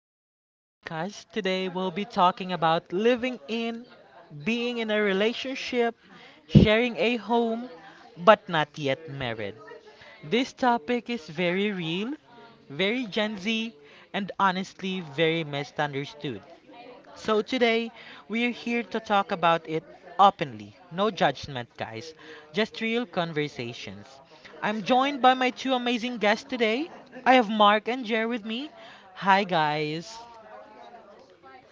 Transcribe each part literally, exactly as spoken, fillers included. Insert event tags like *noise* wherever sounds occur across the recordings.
to my podcast. Today we'll be talking about living in, being in a relationship, sharing a home, but not yet married. This topic is very real, very Gen Z, and honestly very misunderstood. So today we're here to talk about it openly. No judgment, guys. Just real conversations. I'm joined by my two amazing guests today. I have Mark and Jer with me. Hi guys.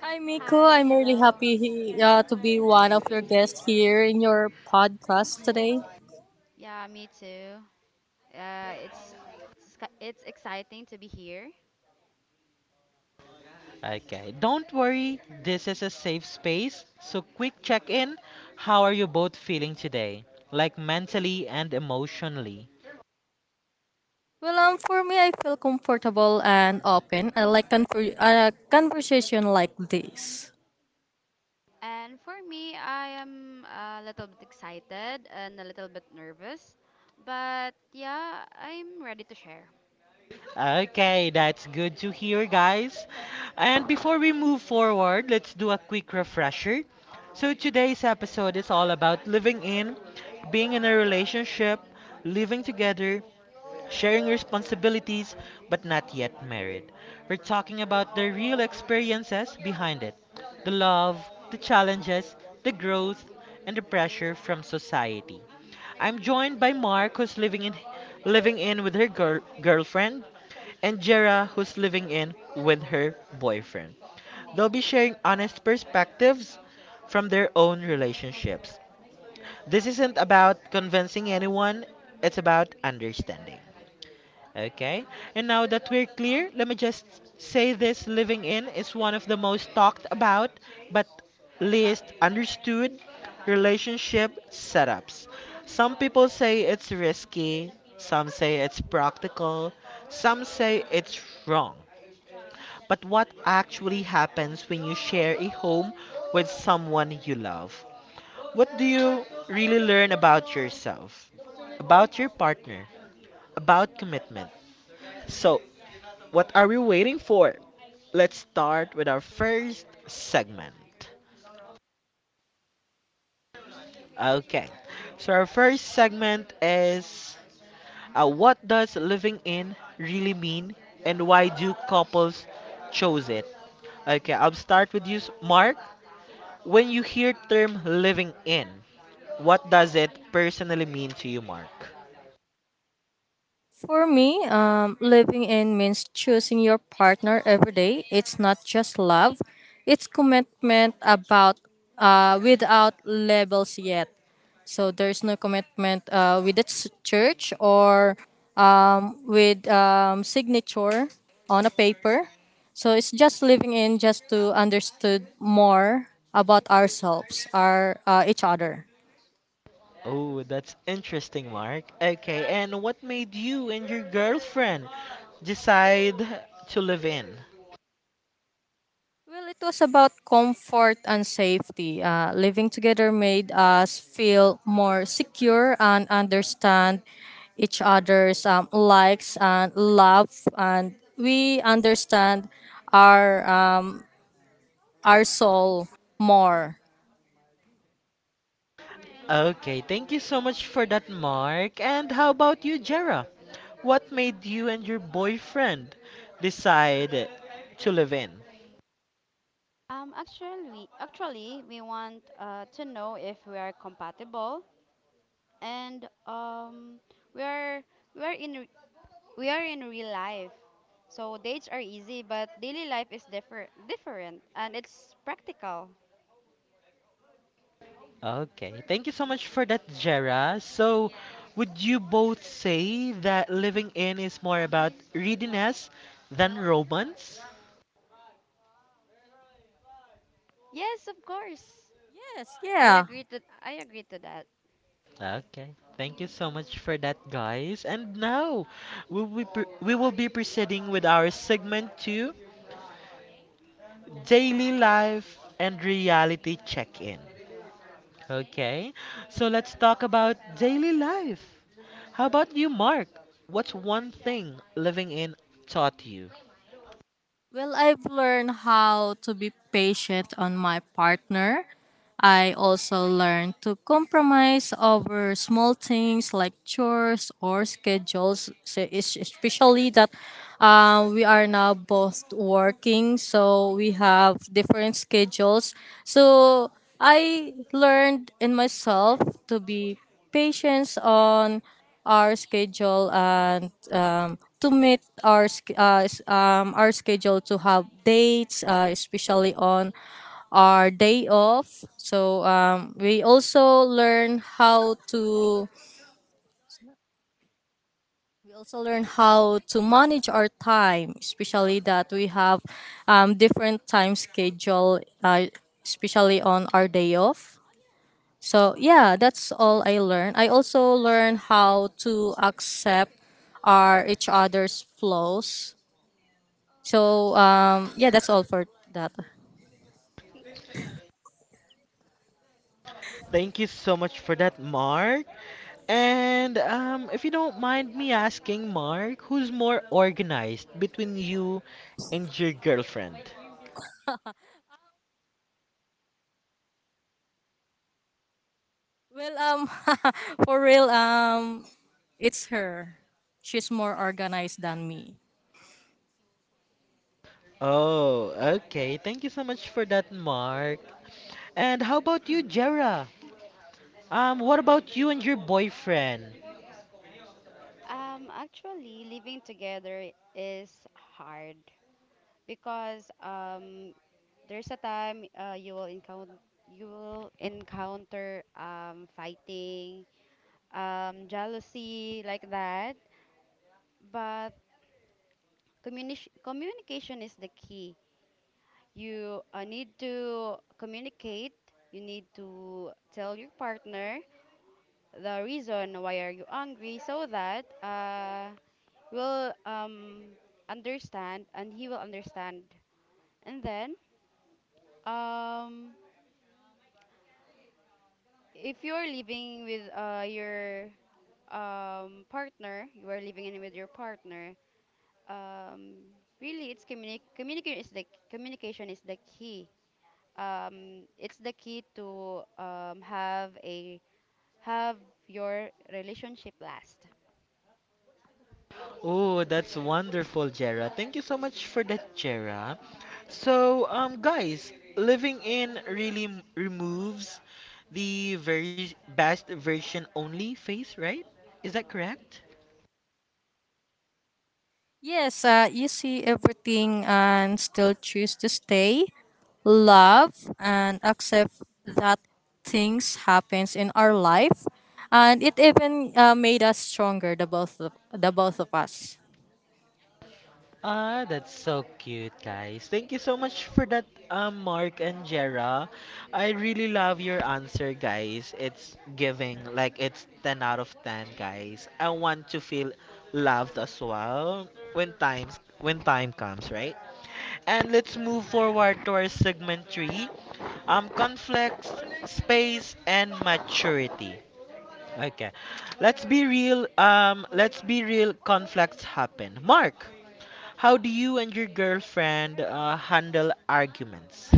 Hi, Miko. Hi, I'm really hello. happy uh, to be one of your guests here in your podcast today. Yeah, me too. Uh, it's it's ki- it's exciting to be here. Okay, don't worry. This is a safe space. So quick check-in. How are you both feeling today? Like mentally and emotionally? Well, um, for me, I feel comfortable and open. I like conver- uh, conversation like this. And for me, I am a little bit excited and a little bit nervous, but yeah, I'm ready to share. Okay, that's good to hear, guys. And before we move forward, let's do a quick refresher. So, today's episode is all about living in, being in a relationship, living together, sharing responsibilities, but not yet married. We're talking about the real experiences behind it, the love, the challenges, the growth, and the pressure from society. I'm joined by Mark, who's living in living in with her girl, girlfriend, and Jera, who's living in with her boyfriend. They'll be sharing honest perspectives from their own relationships. This isn't about convincing anyone, it's about understanding. Okay? And now that we're clear, let me just say this: living in is one of the most talked about but least understood relationship setups. Some people say it's risky, some say it's practical, some say it's wrong. But what actually happens when you share a home with someone you love? What do you really learn about yourself, about your partner, about commitment? So, what are we waiting for? Let's start with our first segment. Okay, so our first segment is uh, what does living in really mean and why do couples choose it? Okay, I'll start with you, Mark. When you hear term living in, what does it personally mean to you, Mark? For me, um, living in means choosing your partner every day. It's not just love; it's commitment about uh, without labels yet. So there's no commitment uh, with the ch- church or um, with um, signature on a paper. So it's just living in just to understood more about ourselves, our uh, each other. Oh, that's interesting, Mark. Okay, and what made you and your girlfriend decide to live in? Well, it was about comfort and safety. Uh, living together made us feel more secure and understand each other's um, likes and love, and we understand our um, our soul more. Okay, thank you so much for that, Mark. And how about you, Jera? What made you and your boyfriend decide to live in? Um, actually, actually, we want uh, to know if we are compatible, and um, we are we are in re- we are in real life. So dates are easy, but daily life is differ different, and it's practical. Okay. Thank you so much for that, Jera. So, would you both say that living in is more about readiness than romance? Yes, of course. Yes, I yeah. agree to I agree to that. Okay. Thank you so much for that, guys. And now, we will be, pr- we will be proceeding with our segment two, Daily Life and Reality Check-In. Okay. So, let's talk about daily life. How about you, Mark? What's one thing living in taught you? Well, I've learned how to be patient on my partner. I also learned to compromise over small things like chores or schedules, so es- especially that uh, we are now both working, so we have different schedules. So I learned in myself to be patience on our schedule and um, to meet our sch- uh, s- um, our schedule to have dates, uh, especially on our day off. So um, we also learn how to we also learn how to manage our time, especially that we have um, different time schedule, uh, especially on our day off. So yeah, that's all I learned. I also learned how to accept our each other's flaws. So um, yeah, that's all for that. Thank you so much for that, Mark. And um, if you don't mind me asking, Mark, who's more organized between you and your girlfriend? Well, um, *laughs* for real, um, it's her. She's more organized than me. Oh, okay. Thank you so much for that, Mark. And how about you, Jera? Um, what about you and your boyfriend? Um, actually, living together is hard because um, there's a time uh, you will encounter you will encounter um, fighting, um, jealousy like that. But communi- communication is the key. You uh, need to communicate. You need to tell your partner the reason why are you angry so that uh will um understand and he will understand and then um if you're living with uh your um partner you are living in with your partner um really it's communi- communication is the communication is the key um it's the key to um have a have your relationship last. Oh, that's wonderful, Jera. Thank you so much for that, Jera. So, um, guys, living in really m- removes the very best version only phase, right? Is that correct? Yes, uh, you see everything and still choose to stay, love, and accept that things happens in our life, and it even uh, made us stronger, the both of, the both of us. Ah, that's so cute, guys. Thank you so much for that, um, Mark and Jera. I really love your answer, guys. It's giving, like, it's ten out of ten, guys. I want to feel loved as well when times when time comes, right? And let's move forward to our segment three, um, conflicts, space, and maturity. Okay, let's be real. Um, let's be real. Conflicts happen. Mark, how do you and your girlfriend uh, handle arguments?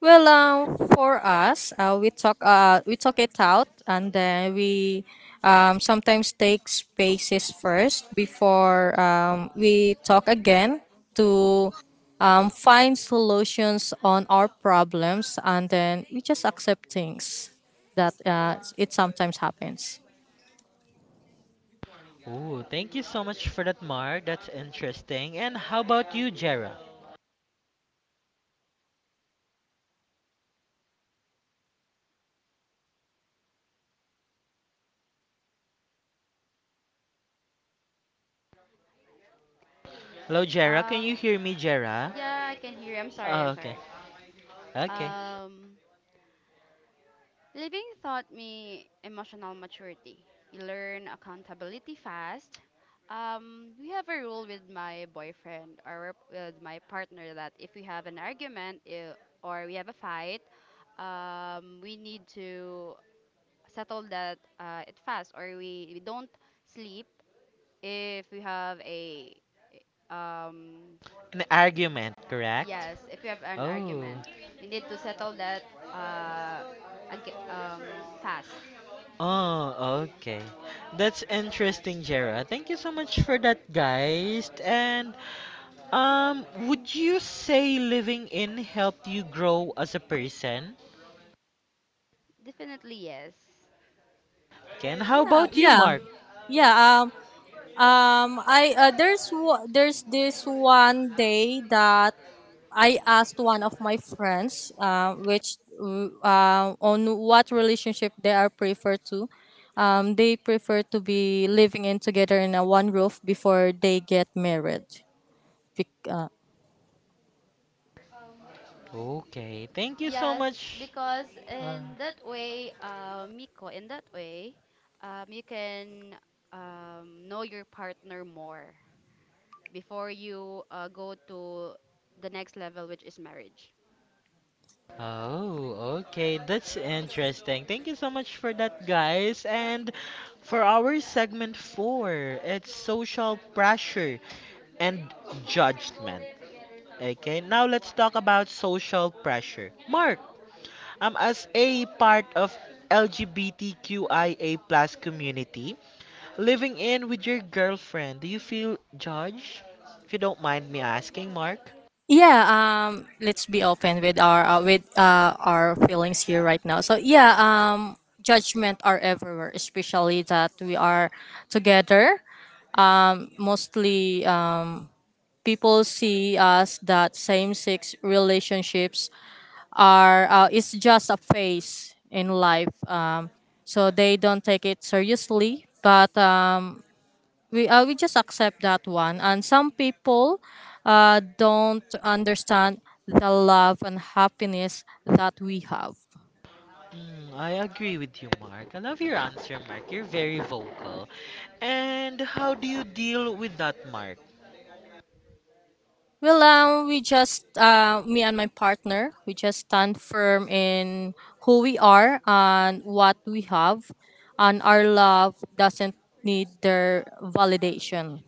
Well, um, for us, uh, we talk uh, we talk it out, and then we um, sometimes take spaces first before um, we talk again to um, find solutions on our problems, and then we just accept things that uh, it sometimes happens. Ooh, thank you so much for that, Mark. That's interesting. And how about you, Jera? Hello, Jera. Can um you hear me, Jera? yeah, I can hear you. I'm sorry, Oh, i'm okay. sorry Okay. Um, living taught me emotional maturity. You learn accountability fast. Um, we have a rule with my boyfriend or with my partner that if we have an argument i- or we have a fight, um, we need to settle that uh, it fast or we, we don't sleep if we have a um. An argument, correct? Yes, if you have an Oh. argument, we need to settle that uh, ag- um, fast. Oh, okay. That's interesting, Jera. Thank you so much for that, guys. And um, would you say living in helped you grow as a person? Definitely yes. Ken, how Yeah, about you, yeah, Mark? yeah. Um, um, I uh, there's wa- there's this one day that I asked one of my friends, uh, which uh, on what relationship they are prefer to. Um, they prefer to be living in together in a one roof before they get married. Bec- uh, Okay, thank you so Yes, much. because Uh, in that way, uh, Miko, in that way, um, you can um, know your partner more before you uh, go to the next level, which is marriage. oh, okay, that's interesting. Thank you so much for that, guys. And for our segment four, it's social pressure and judgment. Okay, now let's talk about social pressure. Mark, um, as a part of LGBTQIA plus community, living in with your girlfriend, do you feel judged? If you don't mind me asking, Mark. yeah. Um, let's be open with our uh, with uh, our feelings here right now. So yeah. Um, judgment are everywhere, especially that we are together. Um, mostly. Um, people see us that same sex relationships are uh, is just a phase in life, um, so they don't take it seriously, but um, we, uh, we just accept that one, and some people uh, don't understand the love and happiness that we have. Mm, I agree with you, Mark. I love your answer, Mark. You're very vocal. And how do you deal with that, Mark? Well, um, we just uh, me and my partner, we just stand firm in who we are and what we have, and our love doesn't need their validation. Validation.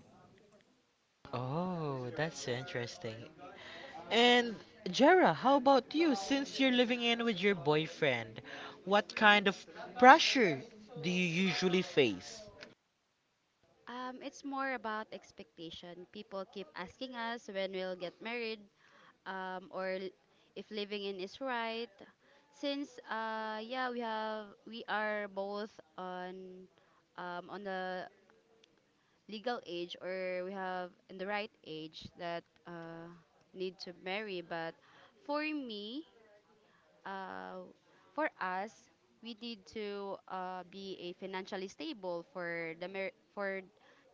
Oh, that's interesting. And Jera, how about you? Since you're living in with your boyfriend, what kind of pressure do you usually face? Um, it's more about expectation. People keep asking us when we'll get married, um, or l- if living in is right. Since uh, yeah, we have we are both on um, on the legal age or we have in the right age that uh, need to marry. But for me, uh, for us, we need to uh, be a financially stable for the mar- for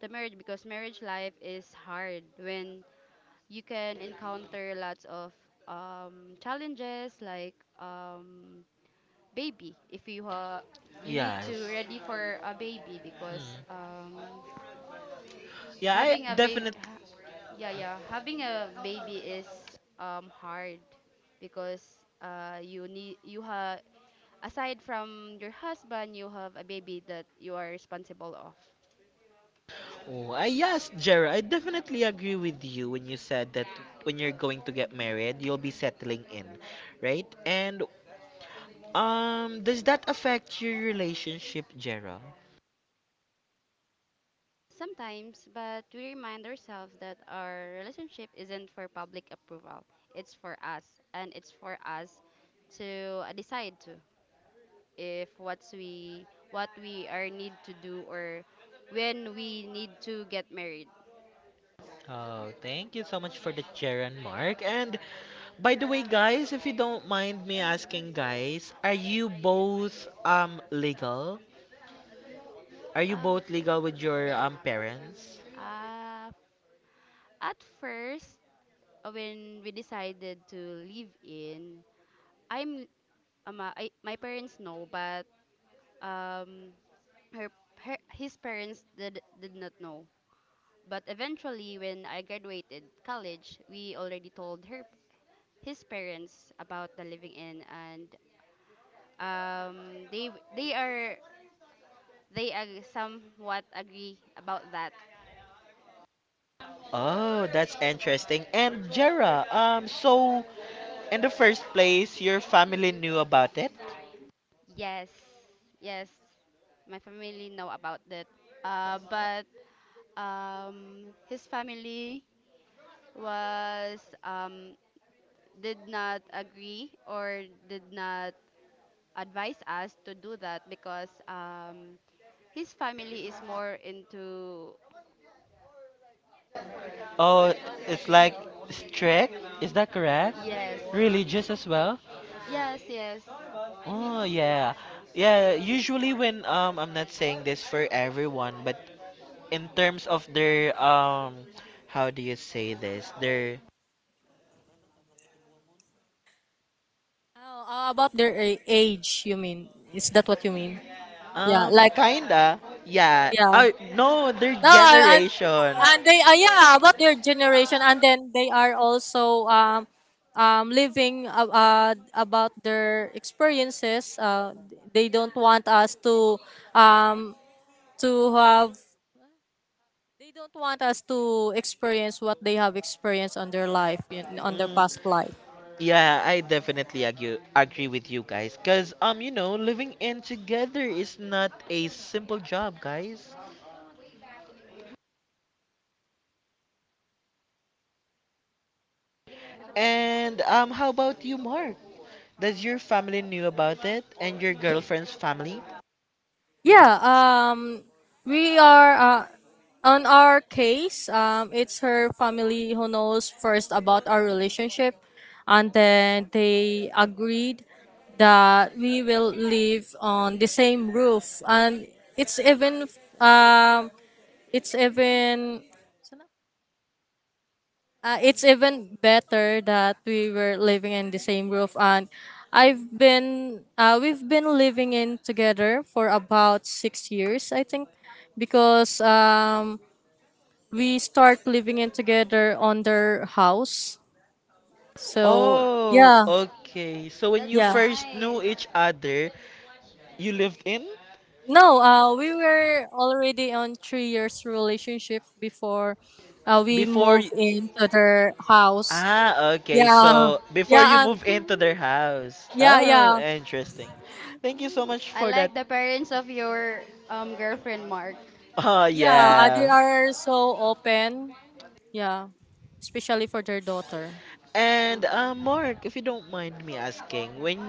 the marriage because marriage life is hard when you can encounter lots of um, challenges like um, baby if you ha, you need to Yes. ready for a baby because Mm. um, Yeah, having I a baby definitely. ha- yeah, yeah, having a baby is um, hard because uh, you need you have aside from your husband you have a baby that you are responsible of. Oh, I, yes, Jera, I definitely agree with you when you said that when you're going to get married, you'll be settling in, right? And um, does that affect your relationship, Jera? Sometimes, but we remind ourselves that our relationship isn't for public approval. It's for us, and it's for us to uh, decide to if what's we what we are need to do or when we need to get married. Oh, thank you so much for the chair and Mark. And by the way, guys, if you don't mind me asking, guys, are you both um legal? Are you Uh, both legal with your um parents? uh, at first, uh, when we decided to live in, I'm um, uh, I, my parents know, but um, her, her his parents did did not know. But eventually, when I graduated college, we already told her his parents about the living in, and um, they they are they ag- somewhat agree about that. Oh, that's interesting. And Jera, um, so in the first place, your family knew about it? Yes, yes, my family know about that. Uh, but um, his family was um, did not agree or did not advise us to do that because um, his family is more into. Oh, it's like strict. Is that correct? Yes. Religious as well? Yes, yes. Oh yeah. Yeah, usually when um I'm not saying this for everyone, but in terms of their um how do you say this, their Oh, uh, about their a- age, you mean? Is that what you mean? Yeah, um like, kinda yeah yeah. oh no their No, and generation. and they, uh, yeah, about their generation, and then they are also um um living, uh, uh, about their experiences. Uh, they don't want us to um to have, they don't want us to experience what they have experienced on their life, in, on their Mm, past life. Yes. yeah, I definitely agree agree with you guys because um you know living in together is not a simple job, guys. And um how about you, Mark? Does your family knew about it and your girlfriend's family? Yeah, um we are, uh, on our case. Um it's her family who knows first about our relationship, and then they agreed that we will live on the same roof, and it's even um it's even Uh, it's even better that we were living in the same roof, and I've been uh, we've been living in together for about six years, I think, because um, we start living in together on their house. So Oh, yeah, okay. So when you That's yeah. first knew nice. each other, you lived in No, uh, we were already on three years relationship before uh, we before moved y- into their house. Ah, okay. Yeah. Um, So before you Yeah, and move into their *laughs* house. yeah, yeah. Oh, interesting. Thank you so oh, much I for that. like *laughs* the parents of your um girlfriend, Mark. Oh, *laughs* Yeah, uh, they yeah. are so open. Yeah, especially for their daughter. And Um, uh, Mark, if you don't mind me asking, when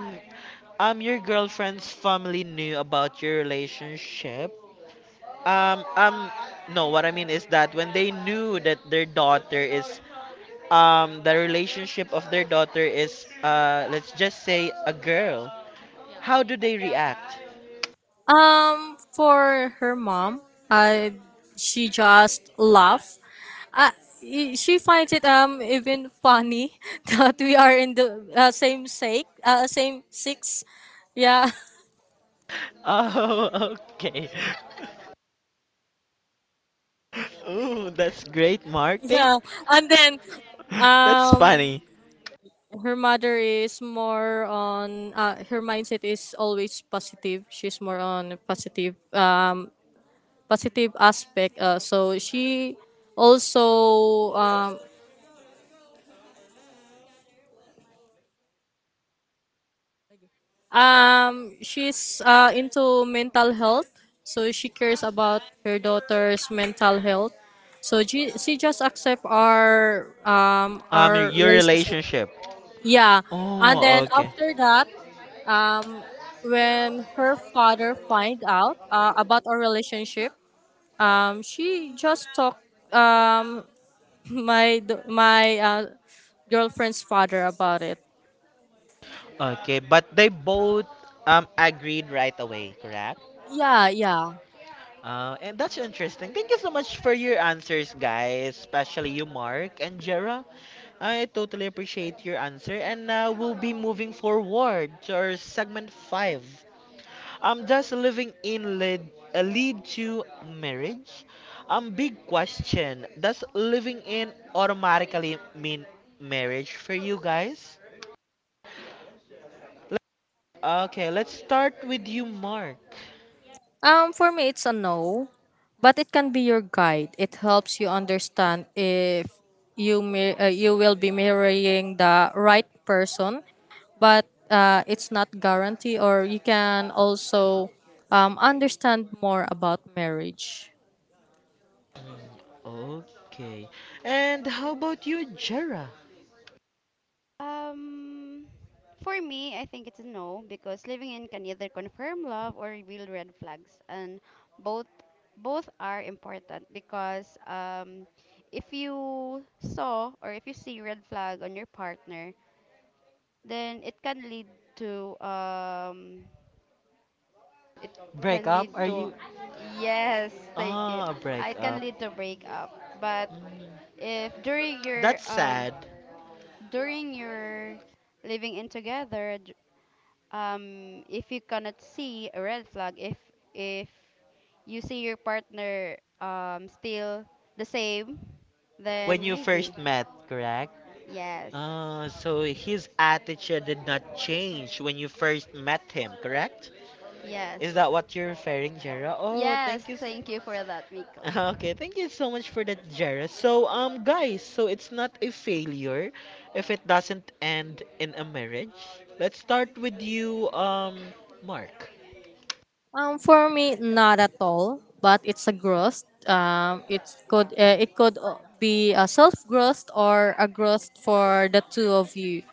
um your girlfriend's family knew about your relationship, Um, um, no, what I mean is that when they knew that their daughter is, um, the relationship of their daughter is, uh, let's just say a girl, how do they react? *laughs* Um, for her mom, uh, she just laughs. Uh, i- she finds it um even funny *laughs* that we are in the uh, same sake, uh, same six. Yeah, Oh, okay. *laughs* Ooh, that's great, *laughs* Mark. Thank. yeah, and then, *laughs* That's um funny. her mother is more on, uh her mindset is always positive. She's more on positive, um positive aspect. Uh, so she also, um, um she's uh, into mental health. So she cares about her daughter's mental health. So she, she just accept our um Um, your our your relationship. relationship. Yeah, and Oh, then okay. after that, um when her father find out uh, about our relationship, um she just talked, um *laughs* my d- my uh, girlfriend's father about it. Okay, but they both um agreed right away, correct? Yeah, yeah. Uh, and that's interesting. Thank you so much for your answers, guys, especially you, Mark and Jera. I totally appreciate your answer. And now we'll be moving forward to our segment five. Um, does living in lead, uh, lead to marriage? Um, big question. Does living in automatically mean marriage for you guys? Okay, let's start with you, Mark. Um, for me, it's a no, but it can be your guide. It helps you understand if you mir- uh, you will be marrying the right person, but uh, it's not guarantee. Or you can also um, understand more about marriage. Okay. And how about you, Jera? um, for me, I think it's a no because living in can either confirm love or reveal red flags, and both both are important because um, if you saw or if you see red flag on your partner, then it can lead to um, it Break can up? lead Are to you? yes, thank you. Ah, break Uh, It can up. lead to breakup, but Mm, if during your that's um sad. during your living in together d- um, if you cannot see a red flag, if if you see your partner um still the same, When then you maybe first met, correct? yes, Ah, so his attitude did not change when you first met him, correct? yes. Is that what you're referring, Jera? Oh, Yes, thank you. So- thank you for that, Miko. *laughs* okay, thank you so much for that, Jera. So, um, guys, so it's not a failure if it doesn't end in a marriage. Let's start with you, um, Mark. Um, for me, not at all. But it's a growth. Um, it could uh, it could uh, be a self growth or a growth for the two of you.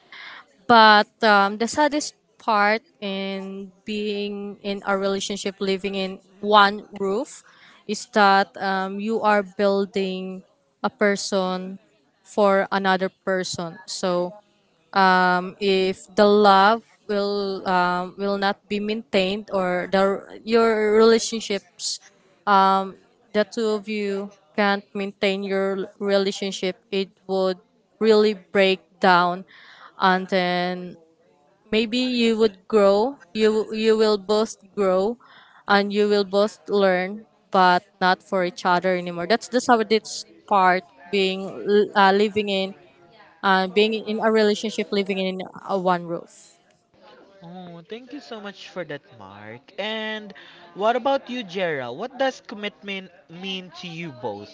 But um, the saddest part in being in a relationship, living in one roof, is that, um, you are building a person for another person. So um, if the love will um, will not be maintained, or the your relationships, um, the two of you can't maintain your relationship, it would really break down, and then maybe you would grow you you will both grow, and you will both learn, but not for each other anymore. That's the saddest part, being uh, living in, uh, being in a relationship, living in, uh, one roof. Oh, thank you so much for that, Mark. And what about you, Jera? What does commitment mean to you both?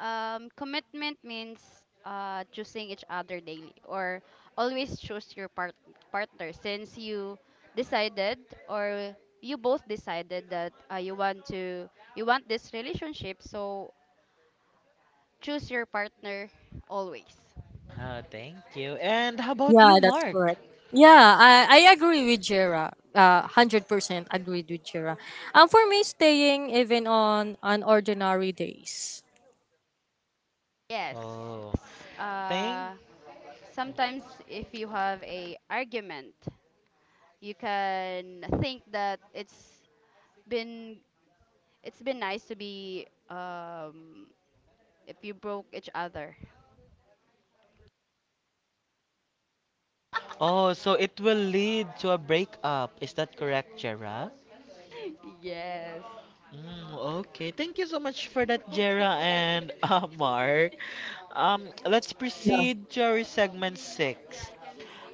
Um, commitment means uh choosing each other daily or always choose your part- partner since you decided or you both decided that uh, you want to you want this relationship so choose your partner always. Ah, thank you. And how about Yeah, you, that's Mark? correct. Yeah, i, I agree with Jera, uh, one hundred percent agreed with Jera. And for me, staying, even on on ordinary days. Yes. Oh, S- thank. Uh, sometimes if you have a argument, you can think that it's been it's been nice to be um, if you broke each other. Oh, so it will lead to a breakup. Is that correct, Jera? *laughs* yes. Mm, okay, thank you so much for that, Jera and *laughs* uh, Mark. Um, let's proceed to our segment six.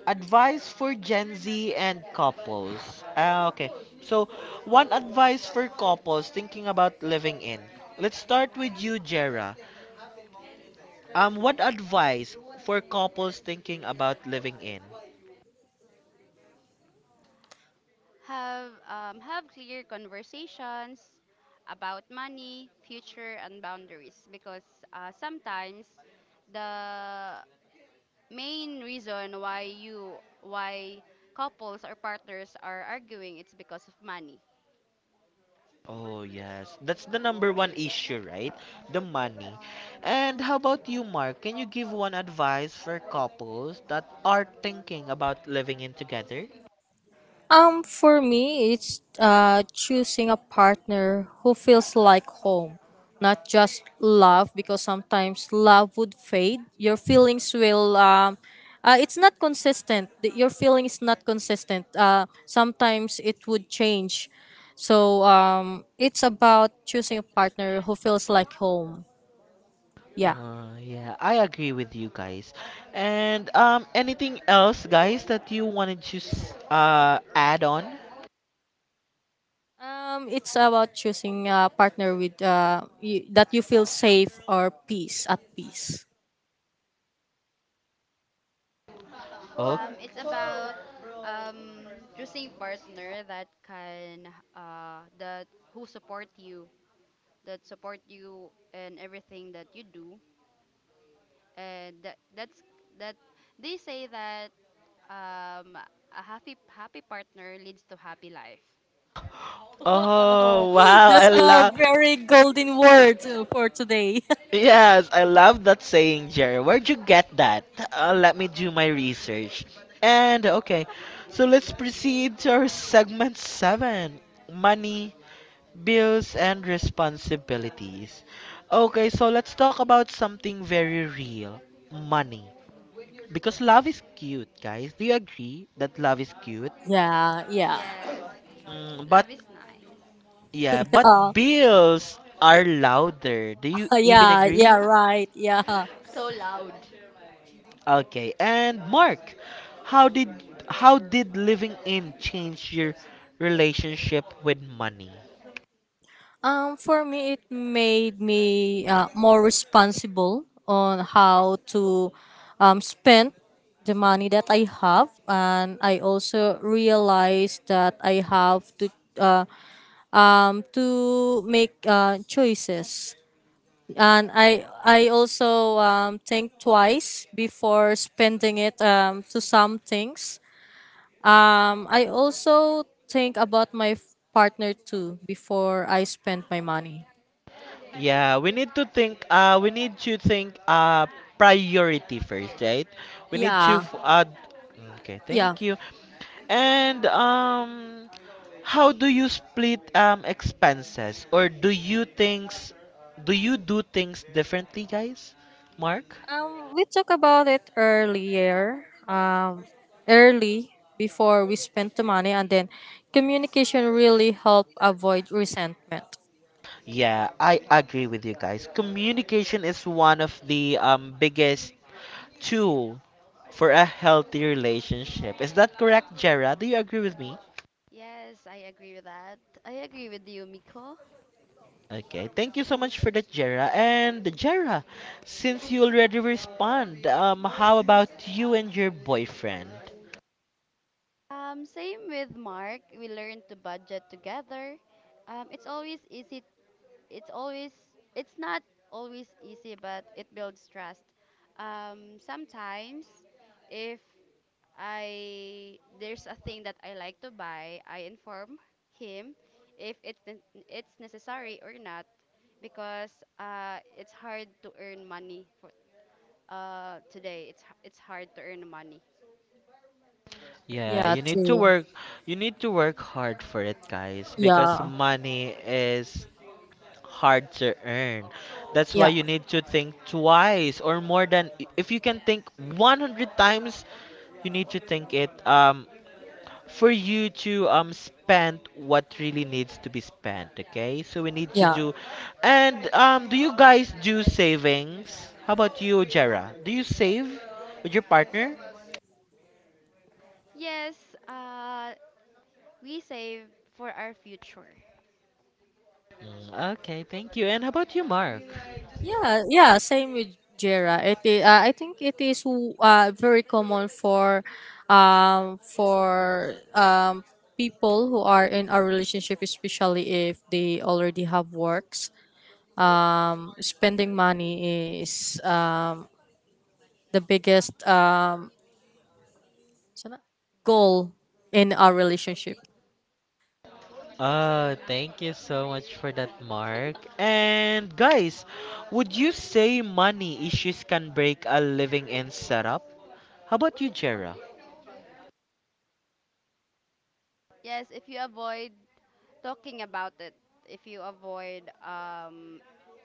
Advice for Gen Z and couples. Ah, okay. So, one advice for couples thinking about living in. Let's start with you, Jera. Um, what advice for couples thinking about living in? Have um, have clear conversations about money, future, and boundaries because uh, sometimes the main reason why you why couples or partners are arguing it's because of money. Oh, yes. That's the number one issue, right? The money. And how about you, Mark? Can you give one advice for couples that are thinking about living in together? Um, for me, it's uh, choosing a partner who feels like home, not just love, because sometimes love would fade. Your feelings will, um, uh, it's not consistent. The- Your feeling is not consistent. Uh, sometimes it would change. So um, it's about choosing a partner who feels like home. Yeah. Uh, yeah, I agree with you guys. And um, anything else, guys, that you wanted to s- uh add on? Um, it's about choosing a partner with, uh, you, that you feel safe or peace at peace. Oh, Um, it's about um, choosing partner that can uh, that who support you, that support you in everything that you do, and that that's that they say that um, a happy happy partner leads to happy life. *laughs* Oh, oh *laughs* wow, I that's a love. very *laughs* golden word uh, for today. *laughs* Yes, I love that saying, Jerry. Where'd you get that? Uh, let me do my research. And okay, so let's proceed to our segment seven, money bills and responsibilities. Okay, so let's talk about something very real, money. Because love is cute, guys. Do you agree that love is cute? Yeah, yeah, Yes, Mm, but, love is nice. yeah, but yeah, bills are louder. Do you *laughs* even yeah, yeah, agree? right, yeah. *laughs* so loud. Okay, and Mark, how did how did living in change your relationship with money? Um, for me, it made me uh, more responsible on how to um, spend the money that I have, and I also realized that I have to uh, um to make uh, choices, and I I also um, think twice before spending it, um, to some things. Um, I also think about my f- partner too before I spend my money. Yeah, we need to think. Uh, we need to think. Uh, priority first, right? We need Yeah, to. F- Uh, okay, yeah. thank you. And um, how do you split um expenses, or do you things, do you do things differently, guys? Mark? Um, we talked about it earlier. Um, early before we spent the money, and then communication really help avoid resentment. Yeah, I agree with you guys. Communication is one of the um biggest tool for a healthy relationship. Is that correct, Jera? Do you agree with me? Yes, I agree with that. I agree with you, Miko. Okay, thank you so much for that, Jera. And Jera, since you already respond, um, how about you and your boyfriend? Um, same with Mark. We learn to budget together. Um, it's always easy. It's always. It's not always easy, but it builds trust. Um, sometimes, if I there's a thing that I like to buy, I inform him if it's ne- it's necessary or not because uh, it's hard to earn money for uh, today it's h- it's hard to earn money. Yeah, Yeah, you need to too. work. You need to work hard for it, guys, because Yeah, money is hard to earn. That's yeah, why you need to think twice or more than if you can think a hundred times, you need to think it um for you to um spend what really needs to be spent. Okay, so we need to do. yeah. And um do you guys do savings? How about you, Jera? Do you save with your partner? Yes, uh, we save for our future. Mm, okay, thank you. And how about you, Mark? Yeah, yeah, same with Jera. It is, uh, I think it is uh, very common for um for um people who are in a relationship, especially if they already have works. Um spending money is uh, the biggest, um sana- goal in our relationship. Uh, thank you so much for that, Mark. And guys, would you say money issues can break a living in setup? How about you, Jera? Yes, if you avoid talking about it, if you avoid um,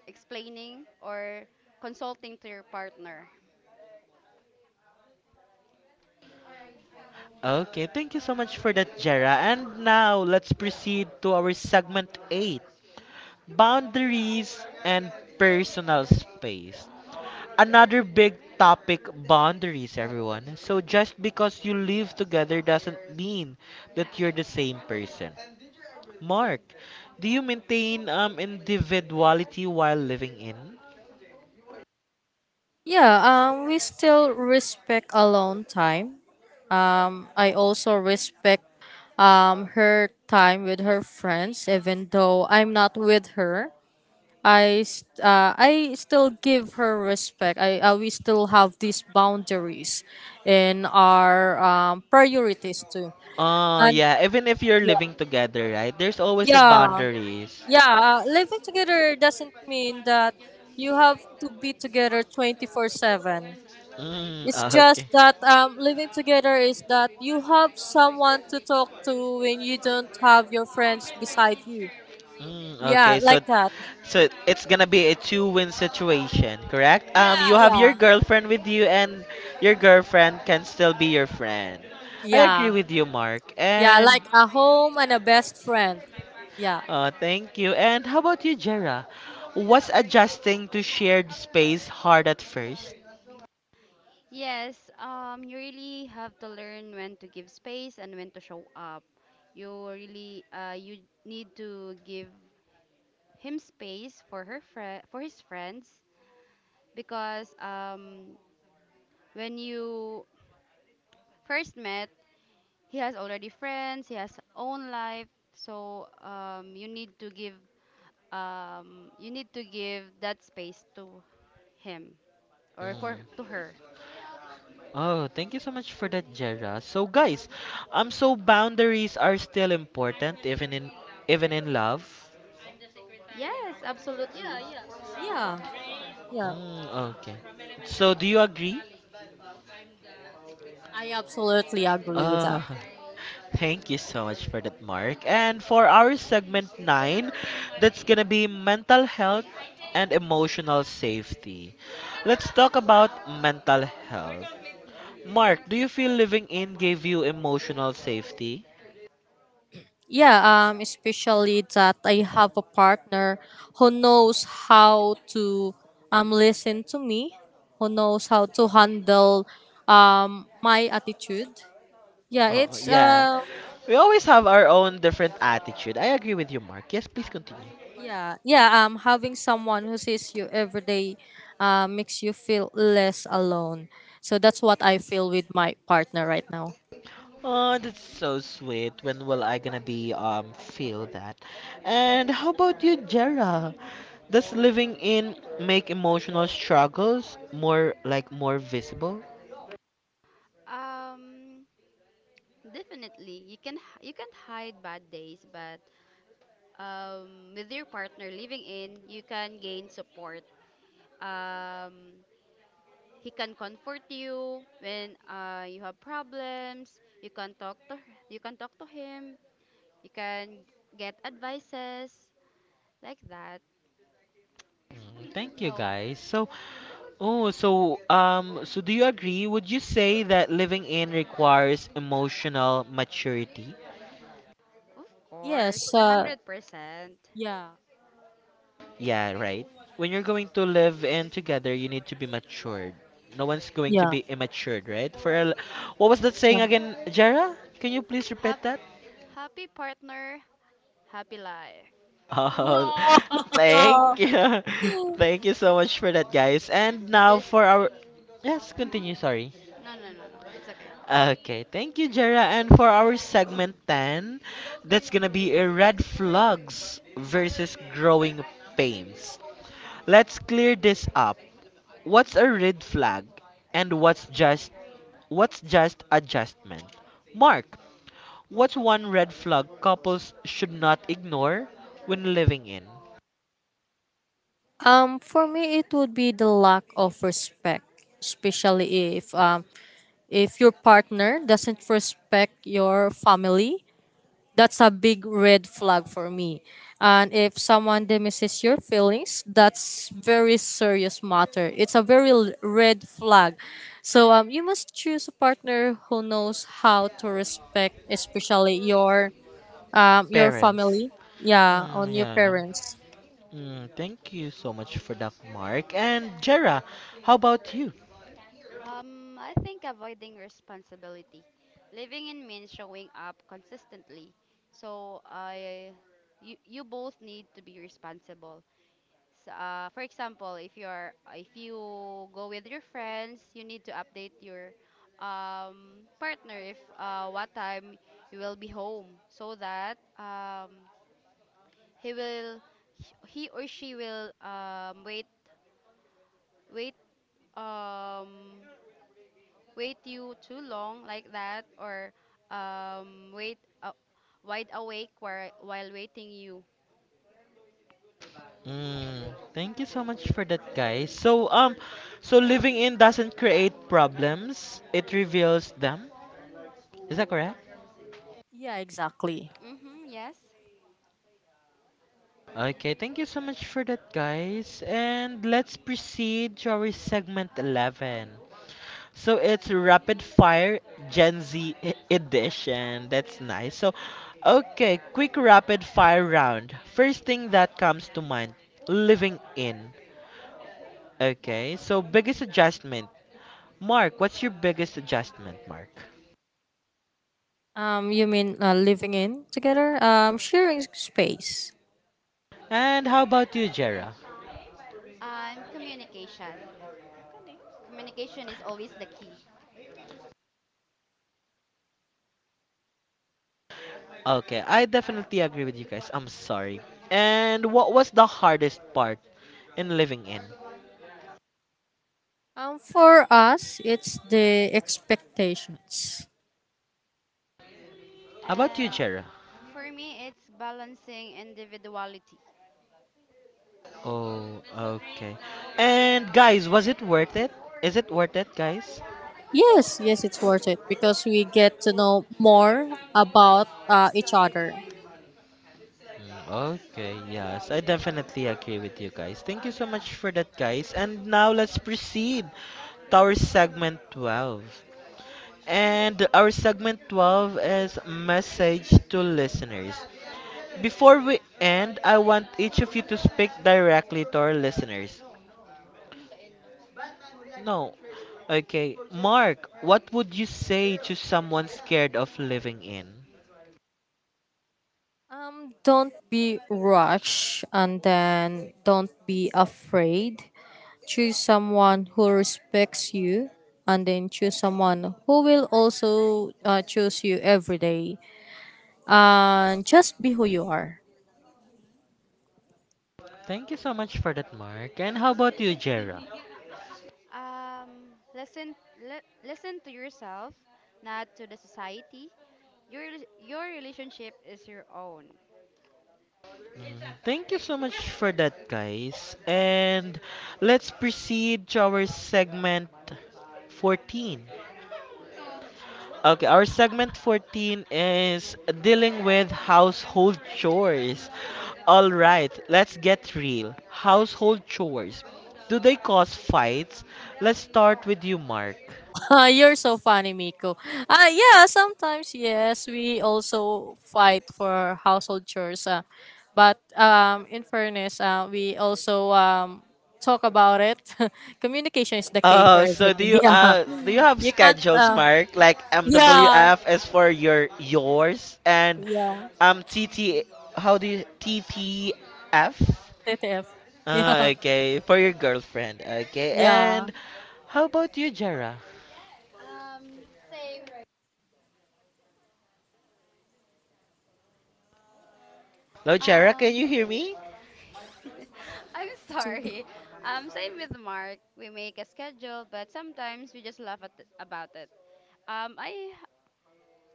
explaining or consulting to your partner. Okay, thank you so much for that, Jera. And now let's proceed to our segment eight, boundaries and personal space. Another big topic: boundaries, everyone. So, just because you live together doesn't mean that you're the same person. Mark, do you maintain um, individuality while living in? Yeah, um we still respect alone time. I also respect, um, her time with her friends, even though I'm not with her. I st- uh, I still give her respect. I uh, We still have these boundaries in our, um, priorities too. Oh And yeah, even if you're yeah, living together, right? There's always a yeah, boundaries. yeah, uh, living together doesn't mean that you have to be together twenty four seven. Mm, It's just okay. that, um, living together is that you have someone to talk to when you don't have your friends beside you. Mm, yeah, Yeah, okay, so like like, that. so it's gonna be a two-win situation, correct? Um, Yeah, you, yeah, have, yeah, your yeah, girlfriend with you, and your girlfriend can still be your friend. I yeah, agree with you, Mark. Yeah, yeah. and Like like, a home and a best friend. Yeah, yeah, uh, thank you. And how about you, Jera? Was adjusting to shared space hard at first? Yes, um, you really have to learn when to give space and when to show up. You really uh, you need to give him space for her fri for his friends because um, when you first met, he has already friends, he has own life. So um, you need to give um, you need to give that space to him or for to her. Oh, thank you so much for that, Jera. So guys, um so boundaries are still important even in, even in love. Yes, absolutely. yeah, yeah. Mm, okay. So do you agree? I absolutely agree with Uh, that. *laughs* thank you so much for that, Mark. And for our segment nine, that's gonna be mental health and emotional safety. Let's talk about mental health. Mark, do you feel living in gave you emotional safety? Yeah, um, especially that I have a partner who knows how to um listen to me, who knows how to handle um my attitude. Yeah, Oh, it's yeah. uh We always have our own different attitude. I agree with you, Mark. Yes, please continue. Yeah, yeah. Um, having someone who sees you every day, uh, makes you feel less alone. So that's what I feel with my partner right now. Oh, that's so sweet. When will I gonna be um feel that? And how about you, Jera? Does living in make emotional struggles more like more visible? Um, definitely. You can h- you can't hide bad days, but um, with your partner living in, you can gain support. Um, He can comfort you when uh, you have problems. You can talk to you can talk to him. You can get advices like that. Mm, thank You you know, guys. So, oh, so um so do you agree? Would you say that living in requires emotional maturity? of Yes. course, a Uh, hundred percent. Yeah. Yeah, right. When you're going to live in together, you need to be matured. No one's going to Yeah, be immature, right? For a l- what was that Yes. saying again, Jara? Can you please repeat Hap- that? happy partner, happy life. Oh, *laughs* yeah. thank you, *laughs* *laughs* thank you so much for that, guys. And you now just. for our yes, Hmm. continue. Sorry. No, no, no, no. It's okay. Okay, thank you, Jara. And for our segment ten, that's gonna be a red flags versus growing pains. Let's clear this up. What's a red flag and what's just what's just adjustment? Mark, what's one red flag couples should not ignore when living in? Um, for me, it would be the lack of respect, especially if um if your partner doesn't respect your family. That's a big red flag for me. And if someone demises your feelings, that's very serious matter. It's a very l- red flag. So um, you must choose a partner who knows how to respect, especially your um your Parents. family. Yeah, Mm, on your yeah. parents. Mm, thank you so much for that, Mark. And Jera, how about you? Um, I think avoiding responsibility. Living in means showing up consistently. So I, you, you both need to be responsible. So, uh, for example, if you're if you go with your friends, you need to update your um, partner if uh, what time you will be home, so that um, he will he or she will um, wait wait um, wait you too long like that or um, wait uh, wide awake while, while waiting you. Mm, thank you so much for that, guys. So, um, so living in doesn't create problems; it reveals them. Is that correct? Yeah, exactly. Mm-hmm, yes. Okay, thank you so much for that, guys. And let's proceed to our segment eleven. So it's Rapid Fire Gen Z e- Edition. That's nice. So, okay, quick rapid fire round. First thing that comes to mind: living in. Okay, so biggest adjustment. Mark, what's your biggest adjustment, Mark? Um, you mean, uh, living in together? Um, sharing space. And how about you, Jera? Um, communication. Communication is always the key. Okay, I definitely agree with you guys. I'm sorry. And what was the hardest part in living in? Um, for us, it's the expectations. How about you, And Jera? for me, it's balancing individuality. Oh, okay. And guys, was it worth it? Is it worth it, guys? Yes, yes, it's worth it because we get to know more about, uh, each other. Mm, okay, yes, I definitely agree with you guys. Thank you so much for that, guys. And now let's proceed to our segment twelve. And our segment twelve is message to listeners. Before we end, I want each of you to speak directly to our listeners. No. Okay. Mark, what would you say to someone scared of living in? Um, don't be rushed, and then don't be afraid. Choose someone who respects you, and then choose someone who will also uh, choose you every day. And just be who you are. Thank you so much for that, Mark. And how about you, Jera? Um, listen, li- listen to yourself, not to the society. Your rel- your relationship is your own. Thank you so much for that, guys. And let's proceed to our segment fourteen. Okay, our segment fourteen is dealing with household chores. All right, let's get real. Household chores. Do they cause fights? Let's start with you, Mark. *laughs* Ah, you're so funny, Miko. Ah, yeah, sometimes yes, we also fight for household chores. Uh, but um, in fairness, uh, we also um, talk about it. *laughs* Communication is the key for Oh, so do everything. *laughs* you Yeah, uh do you have you can't. schedules, Uh, Mark? Like Yeah, M W F is for your yours, and yeah. um T T, how do you T T F? T T F. Uh, Yeah, okay, for your girlfriend. Okay, yeah. and how about you, Jera? Hello, Jera, Um, can you hear me? *laughs* I'm sorry. *laughs* Um, same with Mark. We make a schedule, but sometimes we just laugh at about it. Um, I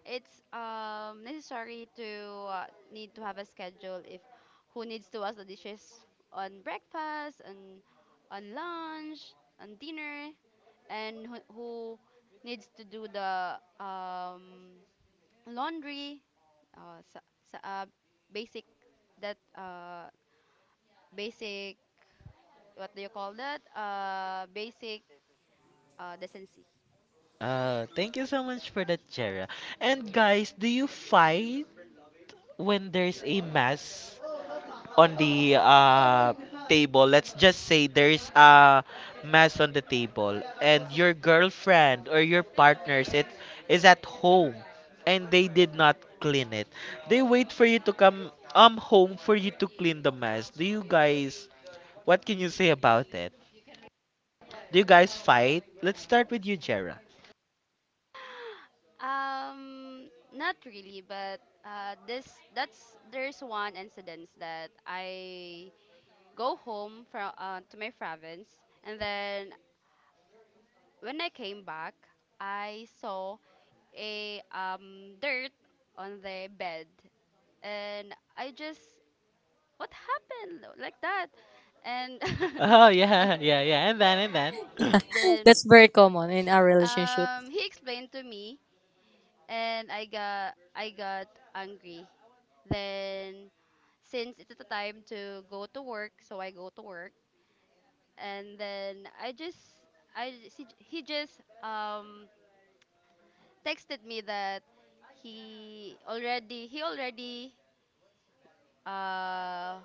it's um necessary to uh, need to have a schedule if who needs to wash the dishes on breakfast and on lunch and dinner and who, who needs to do the um laundry uh, sa, sa, uh basic that uh basic what do you call that uh basic uh, decency. Uh, thank you so much for that, Jera. And guys, do you fight when there's a mess on the uh table? Let's just say there's a mess on the table, and your girlfriend or your partner's it is at home, and they did not clean it. They wait for you to come um home for you to clean the mess. Do you guys? What can you say about it? Do you guys fight? Let's start with you, Jera. Um, not really, but uh, this that's there's one incident that I go home from uh, to my province and then when I came back I saw a um, dirt on the bed and I just what happened like that and Oh *laughs* yeah, yeah, yeah. And then and then. yes *gasps* then. That's very common in Sh- our relationship. Um, he explained to me, and I got I got angry. Then, since it's the time to go to work, so I go to work, and then I just I just- he, he just um texted me that he already he already uh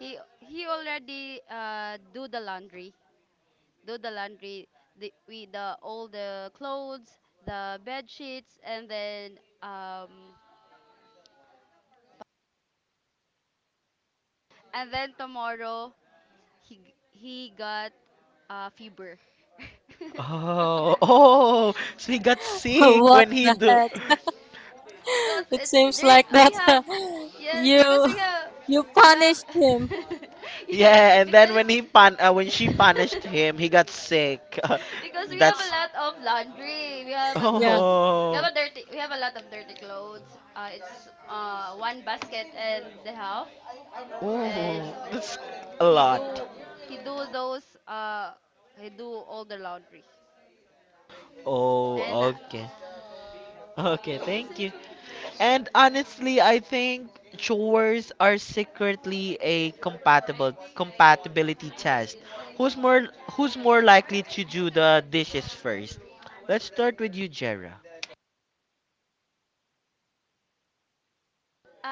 he he already uh do the laundry do the laundry the, we the all the clothes the bed sheets and then um and then tomorrow he g- he got uh fever. *laughs* Oh, oh. So he got *laughs* sick What when he the do. heck? *laughs* because *laughs* It it seems there like that, we have *laughs* yes you because we have you we have punished him. *laughs* yes Yeah, and then because when he pun uh, when she punished *laughs* him, he got sick. because *laughs* we have a That's. lot *laughs* of laundry we have a Yeah. clothes we Oh. have a dirty we have a lot of dirty clothes uh, it's uh, one basket and a half and Oh, that's a he lot. do he do those uh he do all the laundry Oh, and okay. Okay, thank you. And honestly, I think chores are secretly a compatible compatibility test. Who's more who's more likely to do the dishes first? Let's start with you, Jera.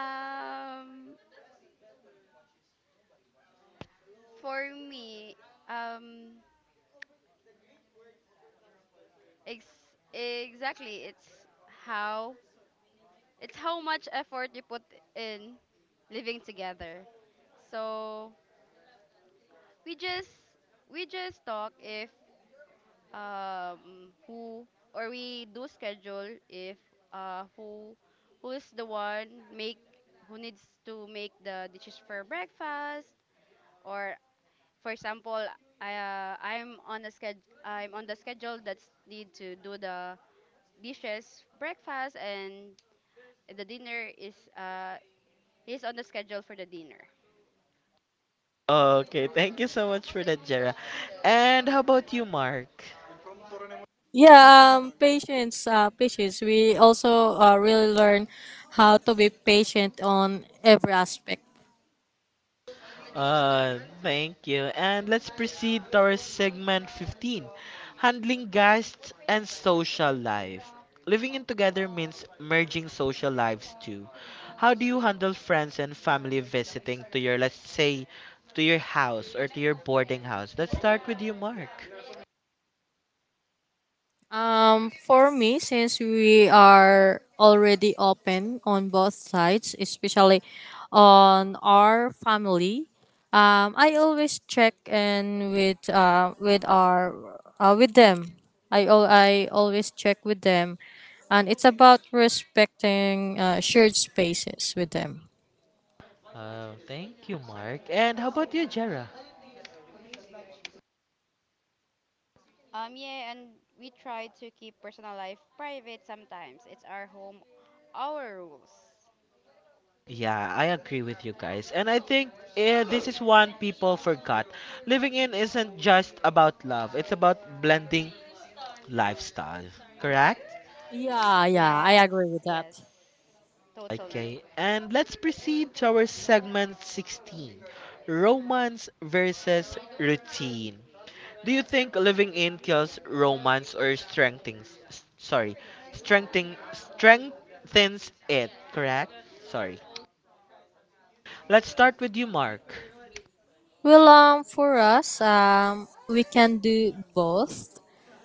um for me um. Ex exactly. It's how it's how much effort you put in living together. So we just we just talk if um who or we do schedule if uh who who is the one make who needs to make the dishes for breakfast or for example I uh, I'm on a sched I'm on the schedule that's need to do the dishes breakfast and the dinner is uh he's on the schedule for the dinner. Okay, thank you so much for that, Jera. And how about you, Mark? Yeah, um, patience, uh, patience. We also uh, really learn how to be patient on every aspect. Uh, thank you. And let's proceed to our segment fifteen, handling guests and social life. Living in together means merging social lives too. How do you handle friends and family visiting to your, let's say, to your house or to your boarding house? Let's start with you, Mark. Um, for me, since we are already open on both sides, especially on our family, um, I always check in with uh, with our uh, with them. I al- I always check with them, and it's about respecting, uh, shared spaces with them. Uh, thank you, Mark. And how about you, Jera? Um, yeah, and we try to keep personal life private sometimes. It's our home, our rules. Yeah, I agree with you guys. And I think eh, this is one people forgot. Living in isn't just about love, it's about blending lifestyle. Correct? Yeah, yeah, I Yes, agree with yes. that. Totally. Okay, and let's proceed to our segment sixteen, Romance versus Routine. Do you think living in kills romance or strengthens, s- sorry, strengthening, strengthens it? Correct? Sorry. Let's start with you, Mark. Well, um, for us, um, we can do both.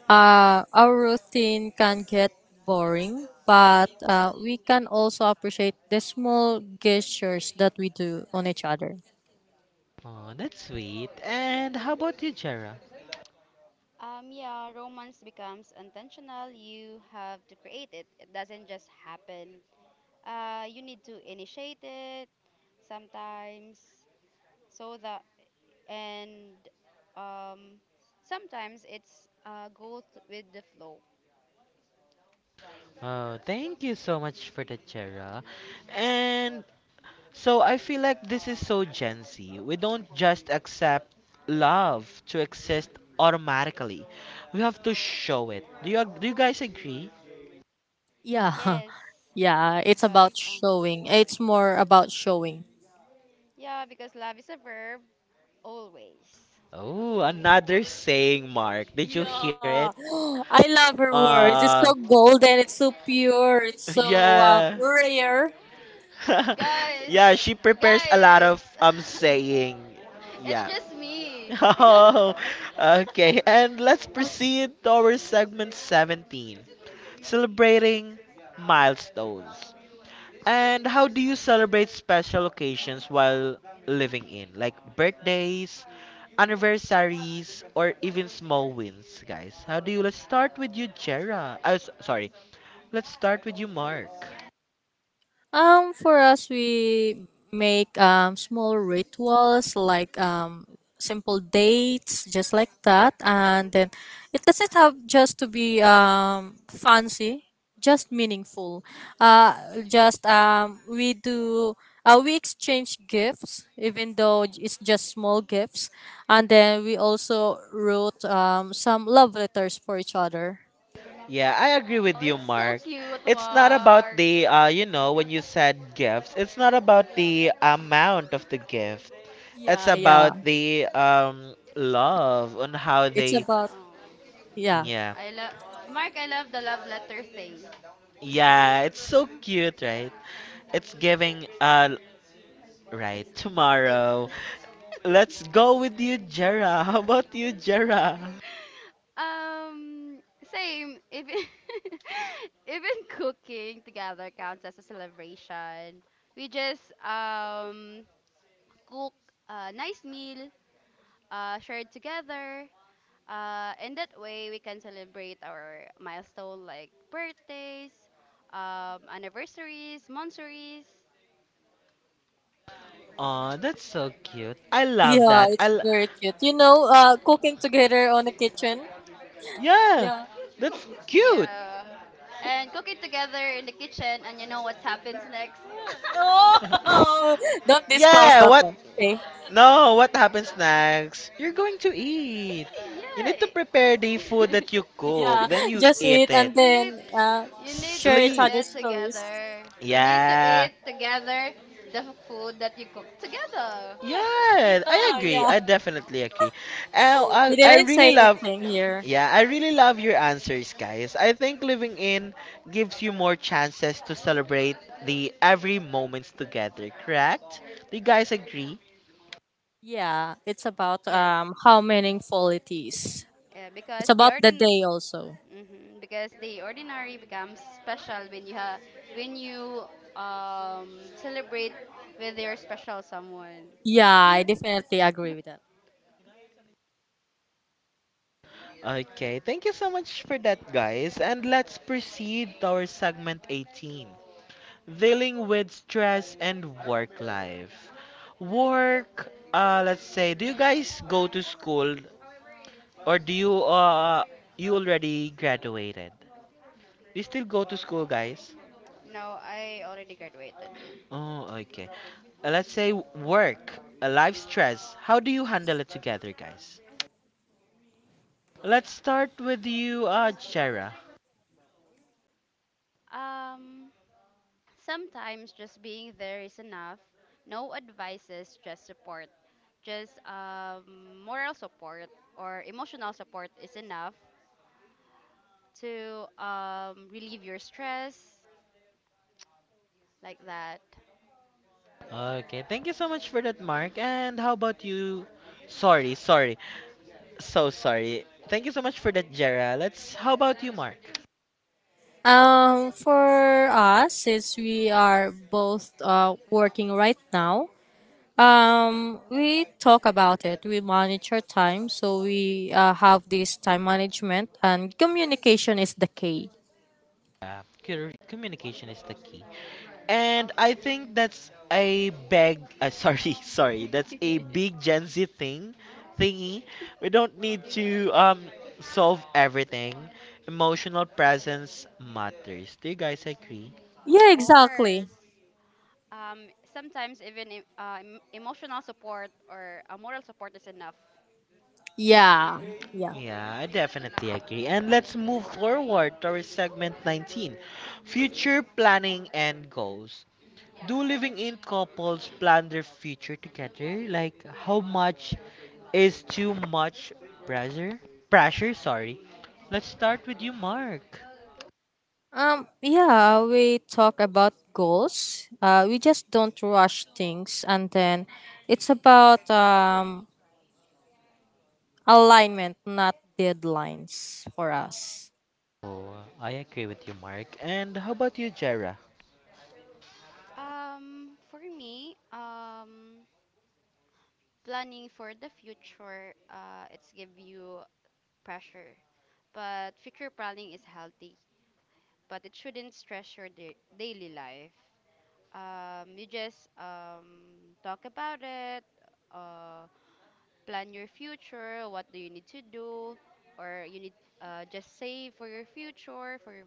Uh, our routine can get boring, but uh, we can also appreciate the small gestures that we do on each other. Oh, that's sweet. And how about you, Jera? Um, yeah, romance becomes intentional. You have to create it. It doesn't just happen. Uh, you need to initiate it sometimes so that and um sometimes it's uh go th- with the flow. Oh, thank you so much for that, Jera. And so I feel like this is so Gen Z. We don't just accept love to exist automatically. We have to show it. Do you ag- do you guys agree? Yeah, Yes, *laughs* yeah, it's because about uh, showing. It's more about showing. yeah, because love is a verb always. Oh, another saying, Mark. Did you Yeah, hear it? *gasps* I love her words. It's so Uh, golden. It's so pure. It's *laughs* so uh, yeah. rare. *laughs* Guys, yeah, she prepares a lot guys, of um saying. *laughs* it's Yeah. *laughs* just me. *laughs* Oh, okay. And let's proceed to our segment seventeen, celebrating milestones. And how do you celebrate special occasions while living in, like birthdays, anniversaries, or even small wins, guys? How do you? Let's start with you, Jera. I sorry. Let's start with you, Mark. Um, for us, we make um, small rituals like um, simple dates, just like that. And then it doesn't have just to be um, fancy, just meaningful. Uh, just, um, we do. Uh, we exchange gifts, even though it's just small gifts, and then we also wrote, um, some love letters for each other. Yeah, I agree oh, with you, it's so Mark. cute, It's not about Mark. the, uh, you know, when you said gifts, it's not about the amount of the gift. It's Yeah, yeah. about the um love on how It's they, about, Oh, yeah. yeah, I love Mark. I love the love letter thing. yeah. It's so *laughs* cute, right? It's giving, uh, It's right. it's. Tomorrow, let's go with you, Jera. *laughs* How about you, *laughs* Jera? Um, same. Even *laughs* even cooking together counts as a celebration. We just um cook a nice meal, uh, shared together. Uh, and that way we can celebrate our milestone like birthdays, um, anniversaries, monthsaries. Oh, that's so cute. I love Yeah, that. I. it's l- very cute. You know, uh, cooking together on the kitchen. Yeah. yeah, that's cute. Yeah. And cooking together in the kitchen, and you know what happens next. *laughs* *laughs* Oh, don't disclose Yeah, that what? one. Okay. No, what happens next? You're going to eat. *laughs* You yeah. need to it- prepare the food that you *laughs* Yeah, cook, then you just eat eat it. and you need then, uh, you need share to each Sleep. eat other's stories. together. You need to Yeah. eat together the food that you cook together. Yeah, I Ah, agree. yeah. I *laughs* definitely agree. Oh, *gasps* I, I We didn't didn't say really love. anything here. Yeah, I really love your answers, guys. I think living in gives you more chances to celebrate the every moments together, correct? Do you guys agree? Yeah, it's about yes. um how meaningful it is. Yeah, It's because the about the ordin day also. hmm because the ordinary becomes special when you ha when you um celebrate with your special someone. Yeah, I *laughs* definitely agree with that. Okay, thank you so much for that, guys. And let's proceed to our segment eighteen, dealing with stress and work life. Work, uh, let's say, do you guys go to school or do you uh you already graduated? Do you still go to school, guys? no, I already graduated. Oh, okay. Uh, let's say work, uh, life stress. How do you handle it together, guys? Let's start with you, uh, Jera. Um, sometimes just being there is enough. No advices, just support. Just um, moral support or emotional support is enough to um, relieve your stress, like that. Okay, thank you so much for that, Mark. And how about you? Sorry, sorry, so sorry. Thank you so much for that, Jera. Let's. How about you, Mark? Um, for us, since we are both uh, working right now, Um, we talk about it. We monitor time, so we uh, have this time management, and communication is the key. Yeah, cur- communication is the key. All And I these things. think that's a big, uh, sorry, *laughs* sorry, that's a big Gen *laughs* Z thing, thingy. We don't need to um solve everything. Emotional presence matters. Do you guys agree? of Yeah, exactly. course. Um, sometimes even em- uh, em- emotional support or uh, moral support is enough. Yeah, yeah. Yeah, I definitely agree. And let's move forward towards segment nineteen, future planning and goals. Do living in couples plan their future together? Like, how much is too much pressure? Pressure, sorry. Let's start with you, Mark. Um, yeah. We talk about goals. Uh, we just don't rush things, and then it's about um alignment, not deadlines for us. Oh, I agree with you, Mark. And how about you, Jera? Um, for me, um, planning for the future, uh, it's give you pressure. But future planning is healthy, but it shouldn't stress your da- daily life. Um, you just um, talk about it, uh, plan your future, what do you need to do, or you need uh, just save for your future. For your,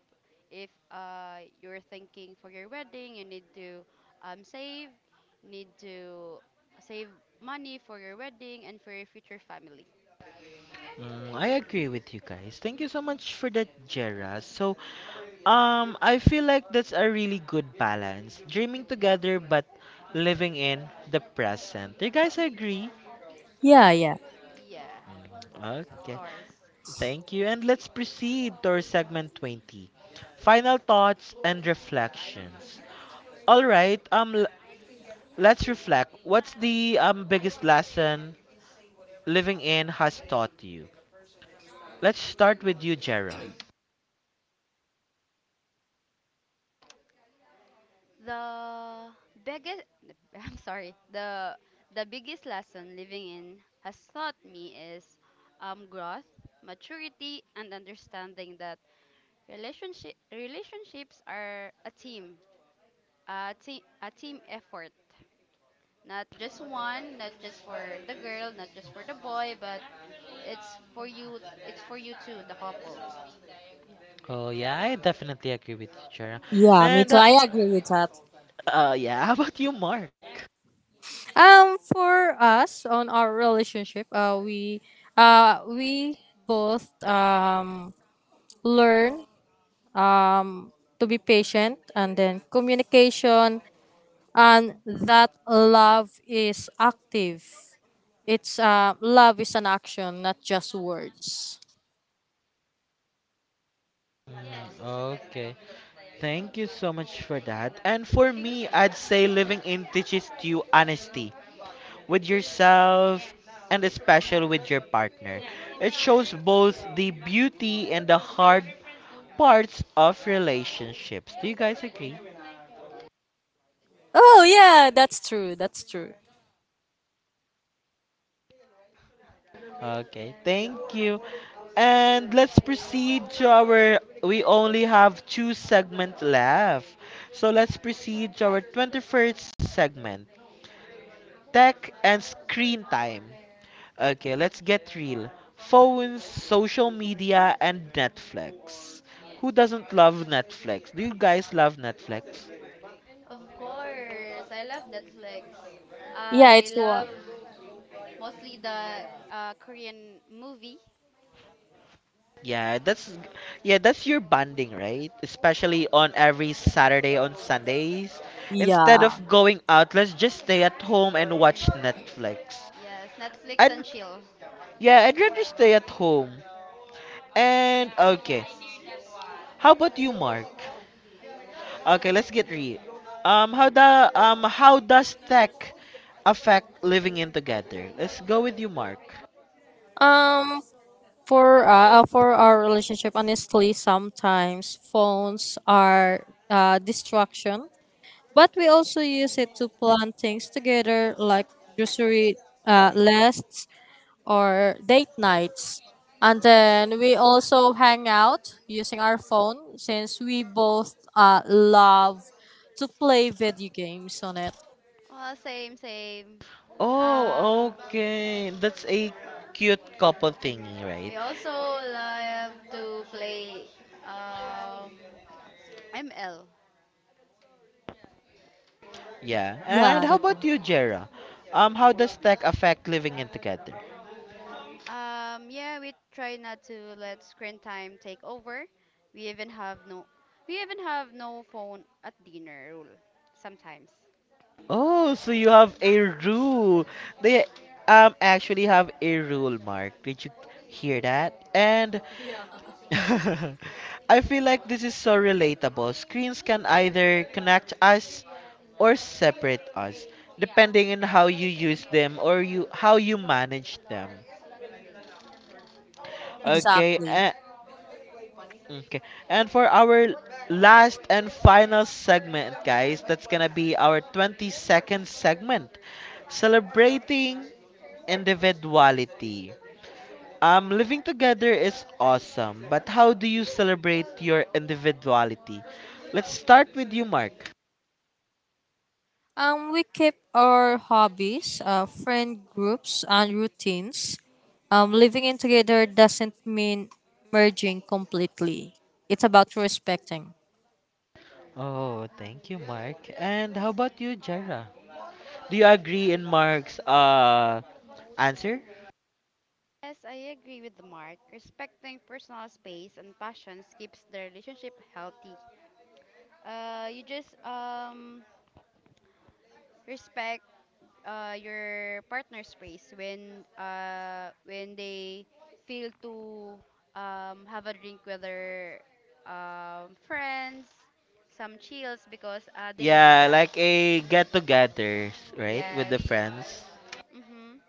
if uh, you're thinking for your wedding, you need to um, save, need to save money for your wedding and for your future family. Mm, I agree with you guys. Thank you so much for that, Jera. So, um, I feel like that's a really good balance. Dreaming together but living in the present. Do you guys agree? Yeah, yeah, Yeah, of Okay. course. Thank you. And let's proceed to our segment twenty, final thoughts and reflections. All right, um, l- let's reflect. What's the um, biggest lesson living in has taught you? Let's start with you, Jera. The biggest, *laughs* I'm sorry, the the biggest lesson living in has taught me is um, growth, maturity, and understanding that Relationship relationships are a team, a team, a team effort. Not just one, not just for the girl, not just for the boy, but it's for you. It's for you too, the couple. Oh, yeah, I definitely agree with you, Jera. yeah. Me And, too. uh, I agree with that. uh, yeah, *laughs* how about you, Mark? Um, for us on our relationship, uh, we uh we both, um learn, um to be patient, and then communication, and that love is active. It's uh Love is an action, not just words. Mm, okay. Thank you so much for that. And for me, I'd say living in teaches you honesty with yourself, and especially with your partner. It shows both the beauty and the hard parts of relationships. Do you guys agree? Oh yeah, that's true. That's true. Okay, thank you. And let's proceed to our. We only have two segments left. So let's proceed to our twenty-first segment, Tech and Screen Time. Okay, let's get real. Phones, social media, and Netflix. Who doesn't love Netflix? Do you guys love Netflix? Of course, I love Netflix. Yeah, I it's one. love mostly the uh, Korean movie. Yeah, that's yeah, that's your bonding, right? Especially on every Saturday on Sundays. Instead Yeah. of going out, let's just stay at home and watch Netflix. Yes, Netflix and And chill. yeah, I'd rather stay at home. And okay. How about you, Mark? Okay, let's get real. Um, how the um how does tech affect living in together? Let's go with you, Mark. Um, For uh, uh, for our relationship, honestly, sometimes phones are uh, distraction, but we also use it to plan things together, like grocery, uh, lists or date nights. And then we also hang out using our phone, since we both uh, love to play video games on it. Well, same, same. Uh, Oh, okay. That's a cute couple thingy, right? we also love to play um, I'm Elle. Yeah. And Yeah, how that- about you, Jera? Um, how does tech affect living in together? Um, yeah, we try not to let screen time take over. We even have no, we even have no phone at dinner rule sometimes. Oh, so you have a rule. They um actually have a rule, Mark. Did you hear that? And yeah, *laughs* I feel like this is so relatable. Screens can either connect us or separate us, depending on how you use them or you how you manage them. Okay, exactly. and, okay. And for our last and final segment, guys, that's gonna be our twenty second segment, celebrating individuality. Um, living together is awesome, but how do you celebrate your individuality? Let's start with you, Mark. Um, we keep our hobbies, uh, friend groups, and routines. Um, living in together doesn't mean merging completely. It's about respecting. Oh, thank you, Mark. And how about you, Jera? Do you agree in Mark's uh answer? Yes, I agree with Mark. Respecting personal space and passions keeps the relationship healthy. Uh, you just um respect uh, your partner's space when uh, when they feel to um, have a drink with their um, friends, some chills because uh, they need Yeah, that. like a get together, right, with Yes. the friends. Mhm.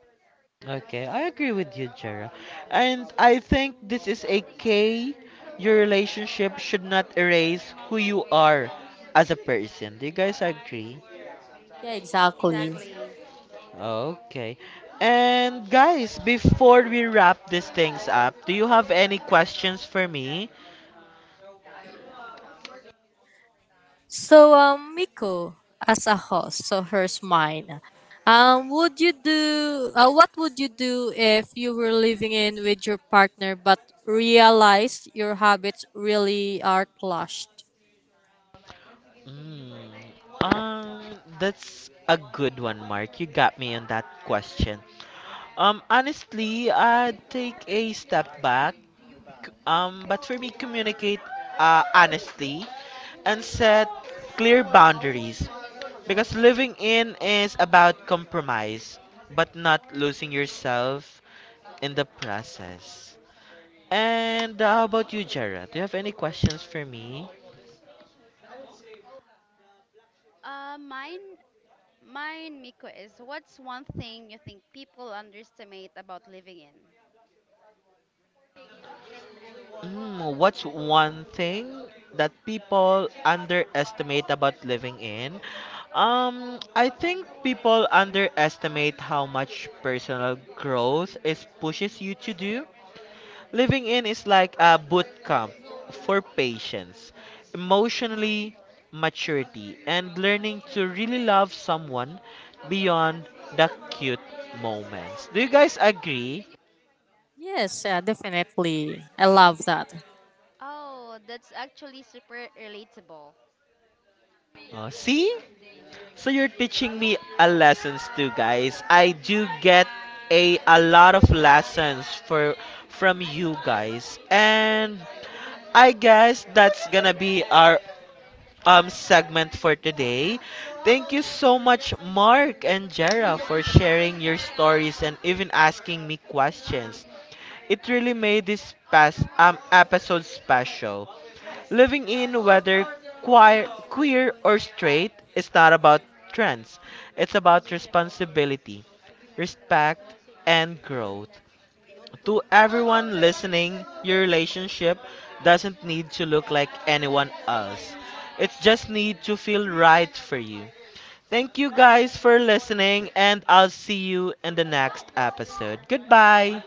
Okay, I agree with you, Jera. And I think this is a K. Your relationship should not erase who you are as a person. Do you guys agree? Yeah, exactly. Exactly. Okay. And guys, before we wrap these things up, do you have any questions for me? So, um, Miko, as a host, so here's mine. Um, would you do? Uh, what would you do if you were living in with your partner, but realized your habits really are clashed? Mm, um, that's a good one, Mark. You got me on that question. Um, honestly, I'd take a step back. Um, but for me, communicate uh, honestly, and set clear boundaries. Because living in is about compromise, but not losing yourself in the process. And how about you, Jared? Do you have any questions for me? Uh, mine, mine, Miko is what's one thing you think people underestimate about living in? Mm, what's one thing that people underestimate about living in? Um, I think people underestimate how much personal growth it pushes you to do. Living in is like a boot camp for patience, emotionally maturity, and learning to really love someone beyond the cute moments. Do you guys agree? Yes, yeah, definitely. I love that. Oh, that's actually super relatable. Uh, see? So you're teaching me a lessons too, guys. I do get a a lot of lessons for from you guys. And I guess that's gonna be our um segment for today. Thank you so much, Mark and Jera, for sharing your stories and even asking me questions. It really made this past um episode special. Living in, whether queer, queer or straight, is not about trends. It's about responsibility, respect, and growth. To everyone listening, your relationship doesn't need to look like anyone else. It just need to feel right for you. Thank you guys for listening and I'll see you in the next episode. Goodbye.